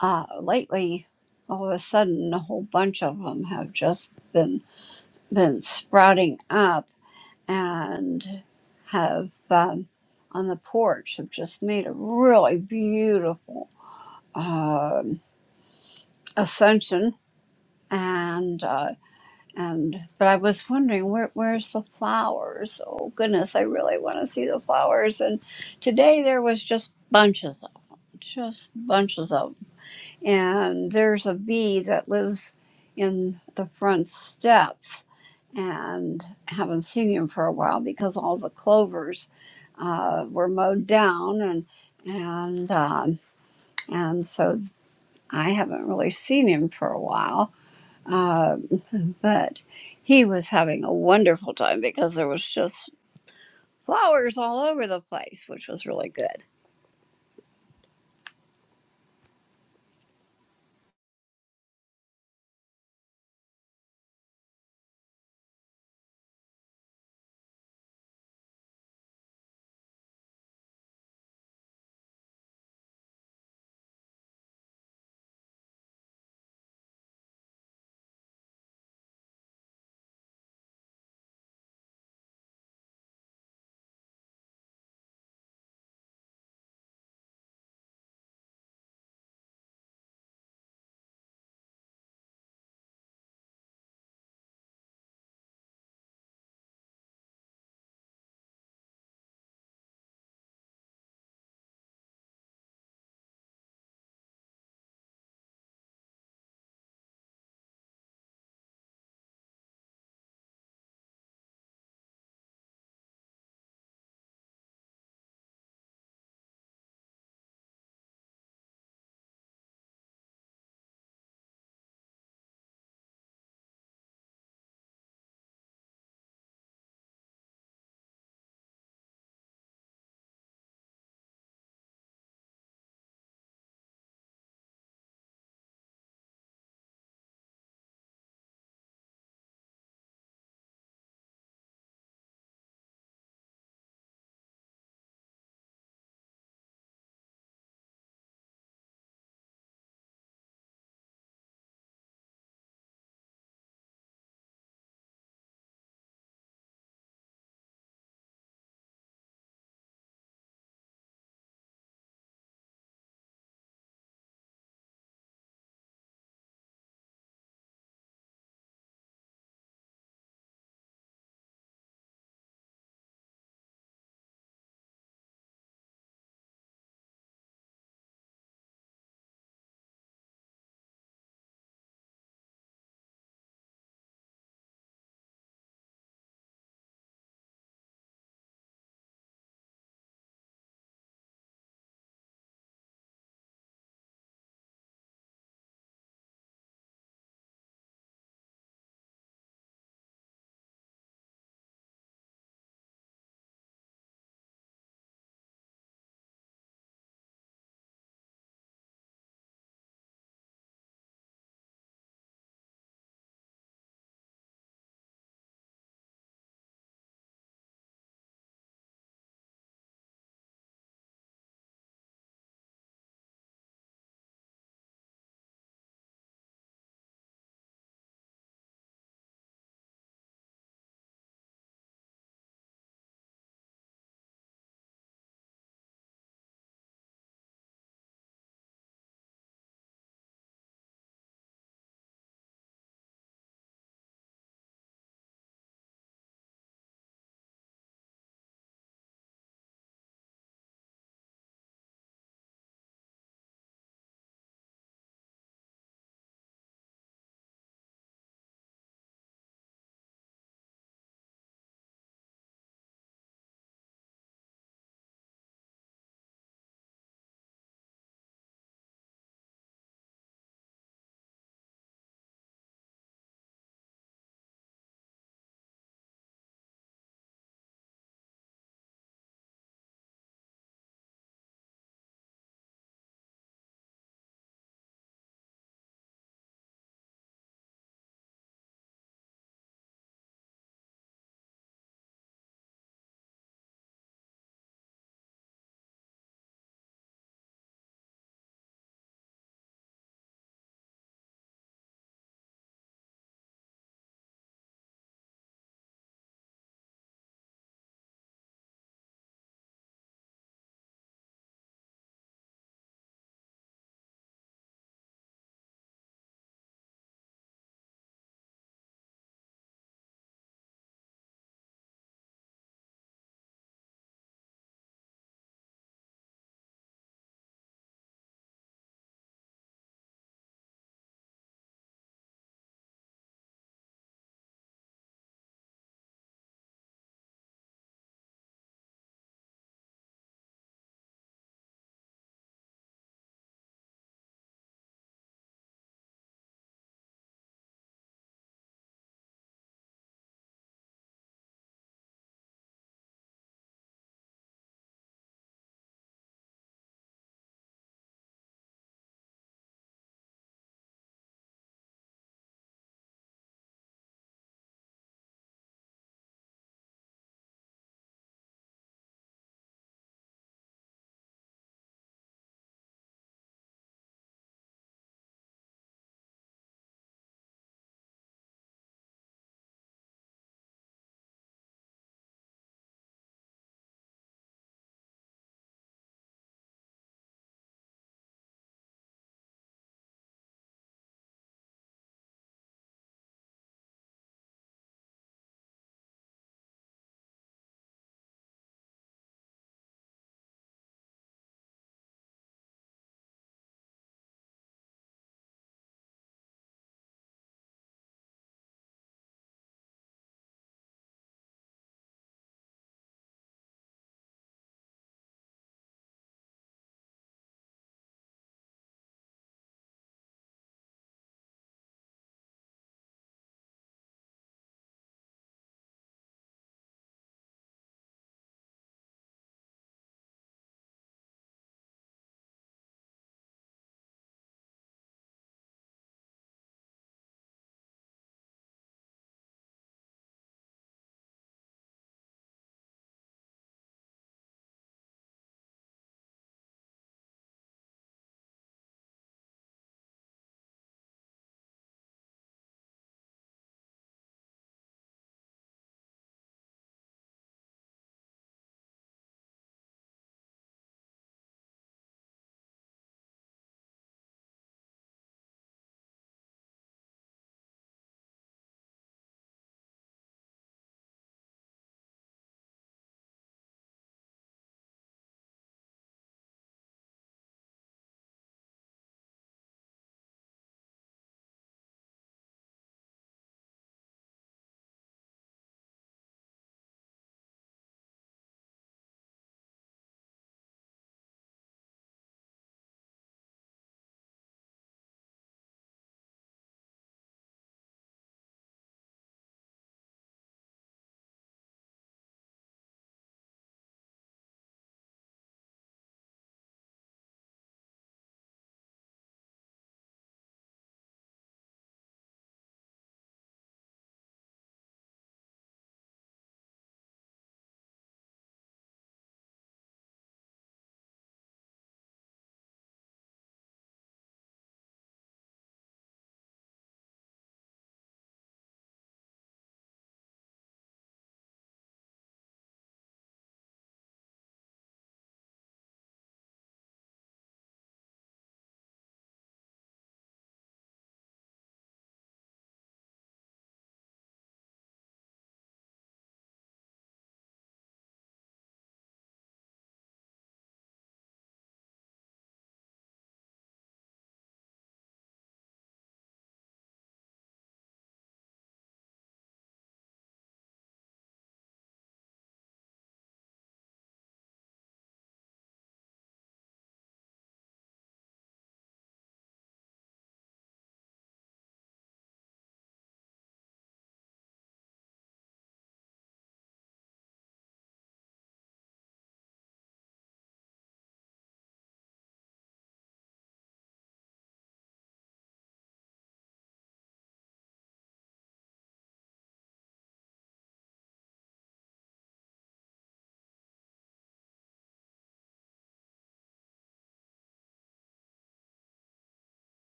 Speaker 2: uh, lately, all of a sudden, a whole bunch of them have just been, been sprouting up and have um, on the porch have just made a really beautiful um, ascension. And uh, And but I was wondering where where's the flowers? Oh goodness, I really want to see the flowers. And today there was just bunches of them, just bunches of them. And there's a bee that lives in the front steps, and I haven't seen him for a while because all the clovers uh, were mowed down, and and um, and so I haven't really seen him for a while Uh, but he was having a wonderful time because there was just flowers all over the place, which was really good.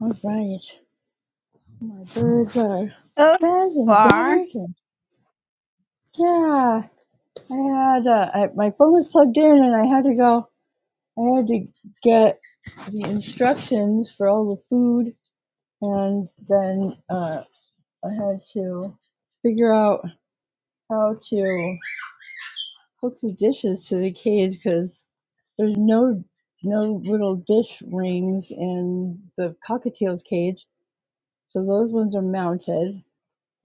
Speaker 1: All right, my birds are
Speaker 2: Oh, there
Speaker 1: fed
Speaker 2: you
Speaker 1: and
Speaker 2: are.
Speaker 1: watered, and yeah, I had uh, I, my phone was plugged in, and I had to go. I had to get the instructions for all the food, and then uh, I had to figure out how to. hook the dishes to the cage because there's no no little dish rings in the cockatiel's cage, so those ones are mounted.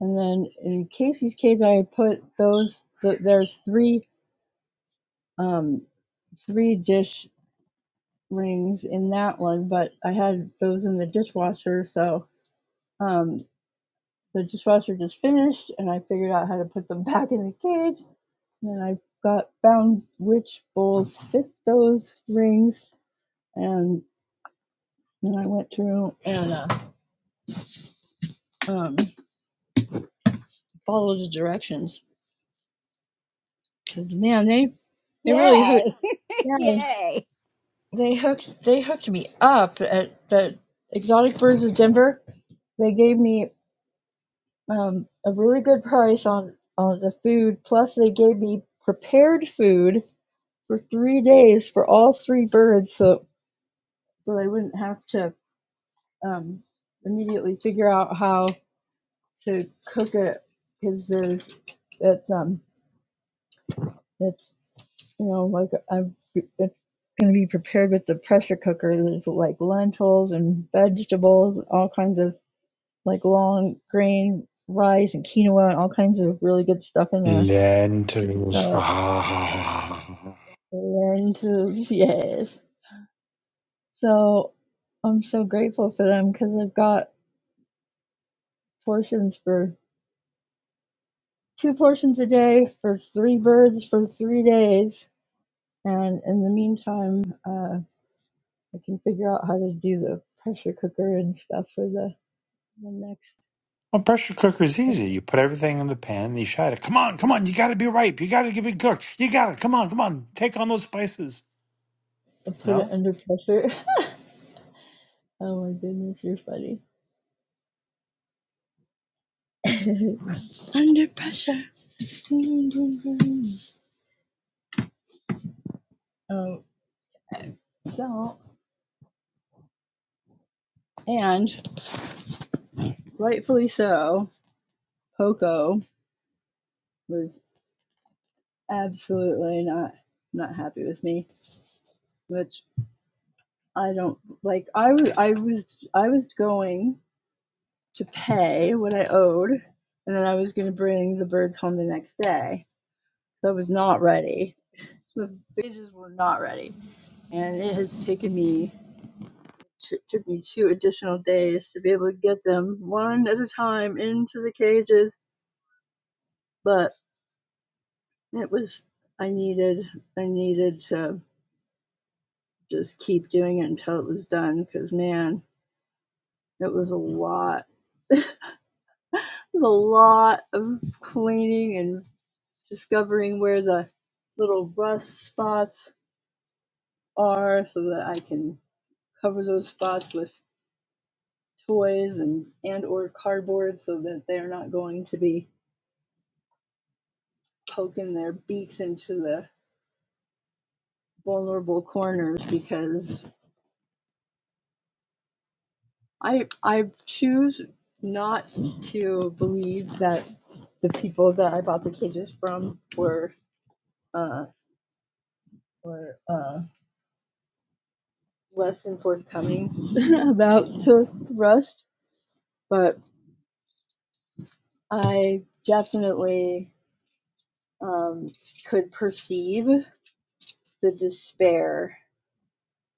Speaker 1: And then in Casey's cage, I put those. th there's three um, three dish rings in that one, but I had those in the dishwasher, so um, the dishwasher just finished, and I figured out how to put them back in the cage. And then I got found which bowls fit those rings, and then I went through and uh, um, followed the directions because man, they they really hooked.
Speaker 2: Yay.
Speaker 1: Yeah,
Speaker 2: yay.
Speaker 1: they hooked they hooked me up at the Exotic Birds of Denver. They gave me um, a really good price on on the food. Plus, they gave me prepared food for three days for all three birds, so so they wouldn't have to um, immediately figure out how to cook it because there's it's um it's you know, like I'm going to be prepared with the pressure cooker. There's like lentils and vegetables, all kinds of like long grain rice and quinoa and all kinds of really good stuff in there.
Speaker 3: Lentils.
Speaker 1: So, and uh, yes. So I'm so grateful for them because I've got portions for two portions a day for three birds for three days. And in the meantime, uh, I can figure out how to do the pressure cooker and stuff for the The next,
Speaker 3: Well, pressure cooker is easy. You put everything in the pan and you shut it. Come on, come on. You got to be ripe. You got to be cooked. You got to come on, come on. Take on those spices.
Speaker 1: I put
Speaker 3: No.
Speaker 1: it under pressure. Oh my goodness, you're funny. under pressure. Um, so, and rightfully so, Poco was absolutely not not happy with me, which I don't like. I I was I was going to pay what I owed, and then I was going to bring the birds home the next day. So I was not ready. The bitches were not ready, and it has taken me t- took me two additional days to be able to get them one at a time into the cages, but it was I needed I needed to just keep doing it until it was done because man, it was a lot. It was a lot of cleaning and discovering where the little rust spots are so that I can cover those spots with toys and and or cardboard so that they're not going to be poking their beaks into the vulnerable corners because I I choose not to believe that the people that I bought the cages from were uh, were uh, less than forthcoming about the rust, but I definitely um, could perceive the despair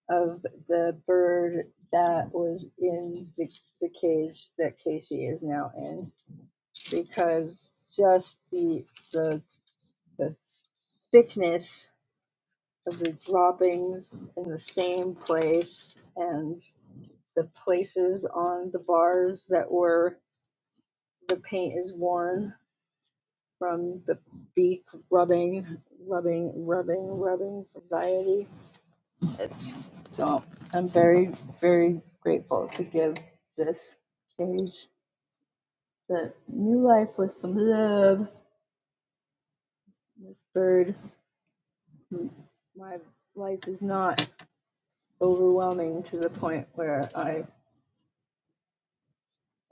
Speaker 1: of the bird that was in the, the cage that Casey is now in because just the the the thickness of the droppings in the same place and the places on the bars that were the paint is worn from the beak rubbing rubbing rubbing rubbing variety it's so i'm very very grateful to give this cage the new life with some love this bird m- my life is not overwhelming to the point where I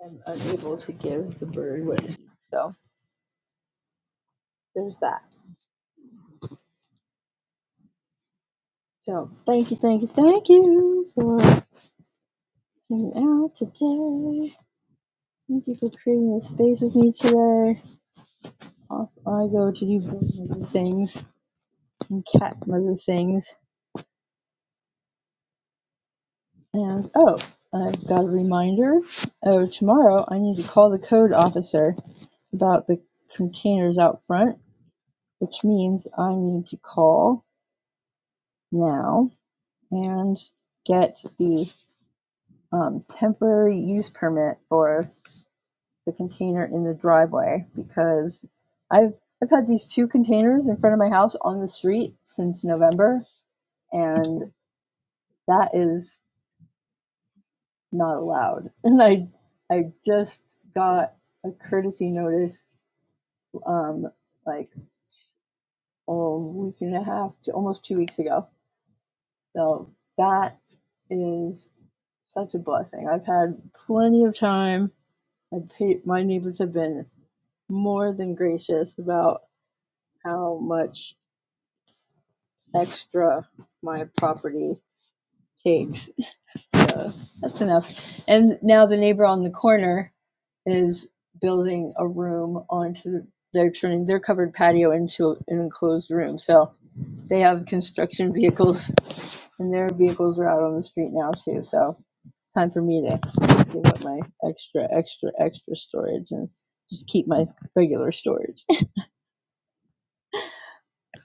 Speaker 1: am unable to give the bird what it needs. So there's that. So thank you, thank you, thank you for hanging out today. Thank you for creating this space with me today. Off I go to do bird mother things and cat mother things. And oh, I've got a reminder. Oh, tomorrow I need to call the code officer about the containers out front which means I need to call now and get the um, temporary use permit for the container in the driveway because I've I've had these two containers in front of my house on the street since November, and that is not allowed. And I I just got a courtesy notice um, like a week and a half to almost two weeks ago So that is such a blessing. I've had plenty of time. My, pa- my neighbors have been more than gracious about how much extra my property takes. So that's enough. And now the neighbor on the corner is building a room onto the, they're turning their covered patio into an enclosed room. So they have construction vehicles And their vehicles are out on the street now too, so it's time for me to give up my extra, extra, extra storage and just keep my regular storage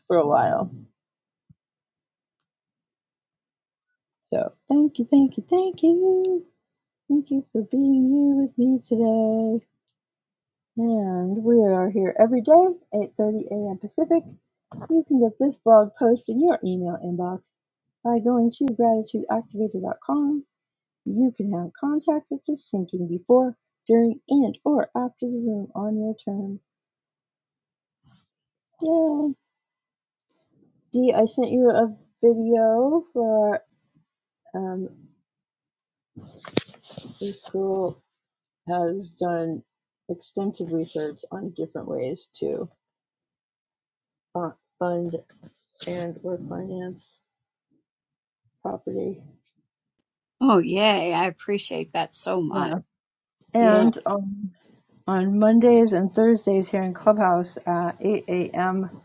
Speaker 1: for a while. So thank you, thank you, thank you. Thank you for being you with me today. And we are here every day, 8.30 a.m. Pacific. You can get this blog post in your email inbox by going to gratitudeactivator.com You can have contact with the sinking before, during, and or after the room on your terms. Yay! D, I sent you a video for um, this girl has done extensive research on different ways to fu- fund and or finance property.
Speaker 2: Oh, yay. I appreciate that so much.
Speaker 1: Yeah.
Speaker 2: Yeah.
Speaker 1: And um, on Mondays and Thursdays here in Clubhouse at 8 a.m.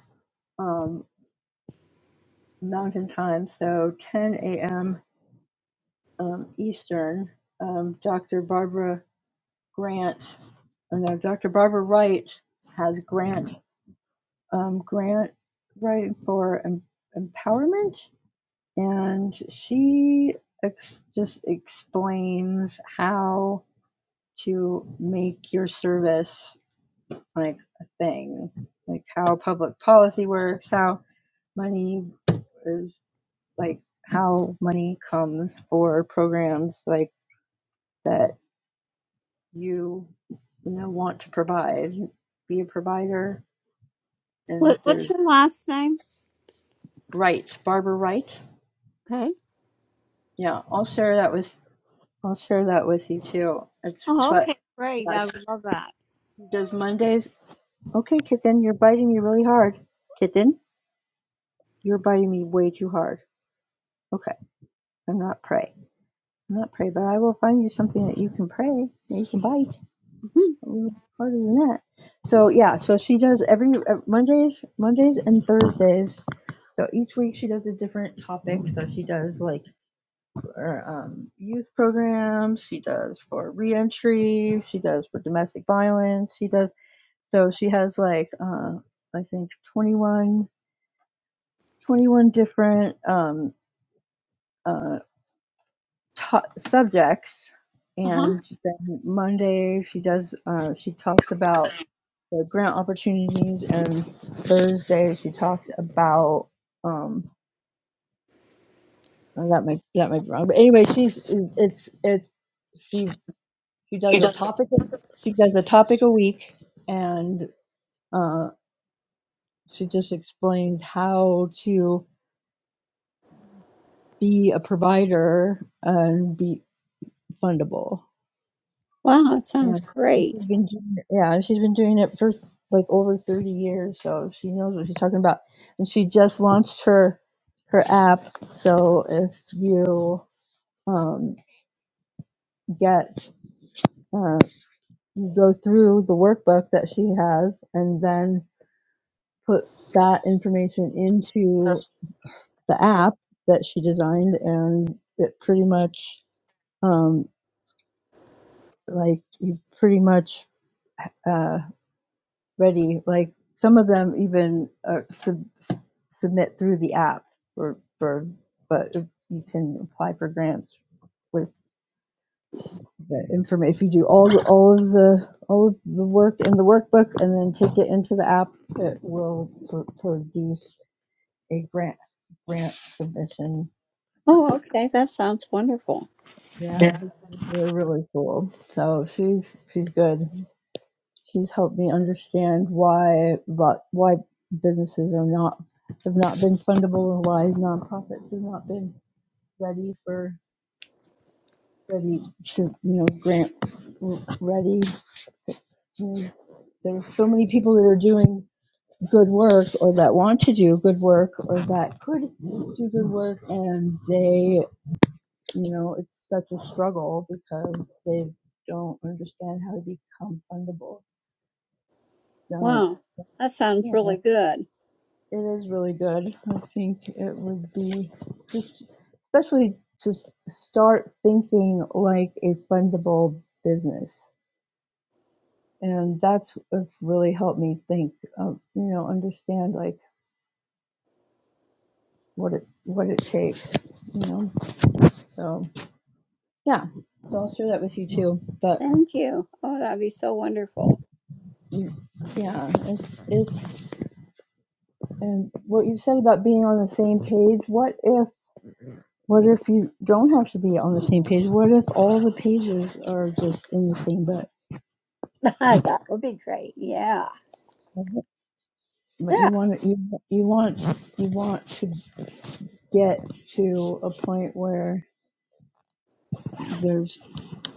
Speaker 1: Um, Mountain Time, so 10 a.m. um, Eastern, um, Dr. Barbara Grant, and Dr. Barbara Wright has grant um, grant right for em- empowerment, and she ex- just explains how to make your service like a thing, like how public policy works, how money is like how money comes for programs like that you you know want to provide be a provider and
Speaker 2: What, what's
Speaker 1: there's
Speaker 2: your last name?
Speaker 1: rights barbara wright
Speaker 2: Okay.
Speaker 1: yeah i'll share that with i'll share that with you too it's
Speaker 2: Oh,
Speaker 1: but
Speaker 2: okay. Great.
Speaker 1: yeah
Speaker 2: I
Speaker 1: she
Speaker 2: love that.
Speaker 1: does mondays okay kitten you're biting me really hard kitten you're biting me way too hard okay i'm not prey i'm not prey but i will find you something that you can prey that you can bite
Speaker 2: Mhm.
Speaker 1: little harder than that. So yeah, so she does every uh, Mondays, Mondays and Thursdays. So each week she does a different topic. So she does like for, um, youth programs. She does for reentry. She does for domestic violence. She does. So she has like uh, I think 21, 21 different um, uh, to- subjects.
Speaker 2: Uh-huh.
Speaker 1: And then Monday she does. Uh, she talks about the grant opportunities and Thursday she talked about um oh, that might that might be wrong. But anyway, she's it's it's she she does a topic she does a topic a week and uh she just explained how to be a provider and be fundable.
Speaker 2: Wow. That
Speaker 1: Yeah,
Speaker 2: sounds
Speaker 1: she's
Speaker 2: great.
Speaker 1: been doing it- yeah, she's been doing it for like over 30 years, so she knows what she's talking about. And she just launched her her app. So if you um, get uh, you go through the workbook that she has and then put that information into the app that she designed, and it pretty much um, like you pretty much uh, ready. Like some of them even are sub submit through the app or for but you can apply for grants with the information if you do all the, all of the all of the work in the workbook and then take it into the app it will pr- produce a grant grant submission
Speaker 2: Oh, okay. That sounds wonderful.
Speaker 1: yeah
Speaker 2: Yeah.
Speaker 1: it's really, really cool so she's she's good she's helped me understand why but why businesses are not have not been fundable and why nonprofits have not been ready for ready to, you know, grant ready. You know, there are so many people that are doing good work or that want to do good work or that could do good work and they, you know, it's such a struggle because they don't understand how to become fundable. So
Speaker 2: Wow. That sounds
Speaker 1: yeah,
Speaker 2: really good.
Speaker 1: it is really good. I think it would be just, especially to start thinking like a fundable business and that's really helped me think um, you know understand like what it what it takes you know so yeah so i'll share that with you too but
Speaker 2: Thank you. Oh, that'd be so wonderful.
Speaker 1: mm, yeah it's, it's and what you said about being on the same page what if what if you don't have to be on the same page what if all the pages are just in the same book
Speaker 2: that would be great. Yeah.
Speaker 1: but you
Speaker 2: Yeah,
Speaker 1: want to you, you want you want to get to a point where there's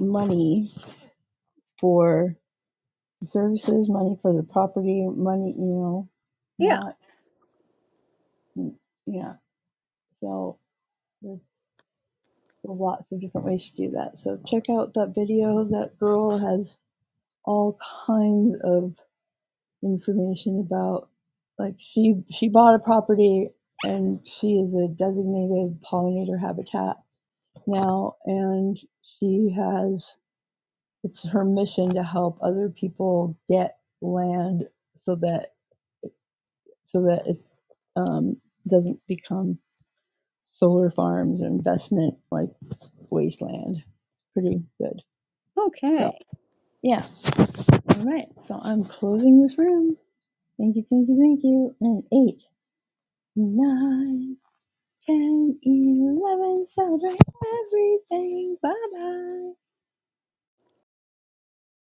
Speaker 1: money for the services, money for the property, money, you know,
Speaker 2: yeah.
Speaker 1: not, you know, so there's lots of different ways to do that. So check out that video. That girl has all kinds of information about, like she she bought a property and she is a designated pollinator habitat now, and she has it's her mission to help other people get land so that so that it um, doesn't become solar farms or investment like wasteland. It's Pretty good. So
Speaker 2: Okay.
Speaker 1: yeah, all right. So I'm closing this room. Thank you, thank you, thank you. And eight, nine, ten, eleven. Celebrate everything. Bye bye.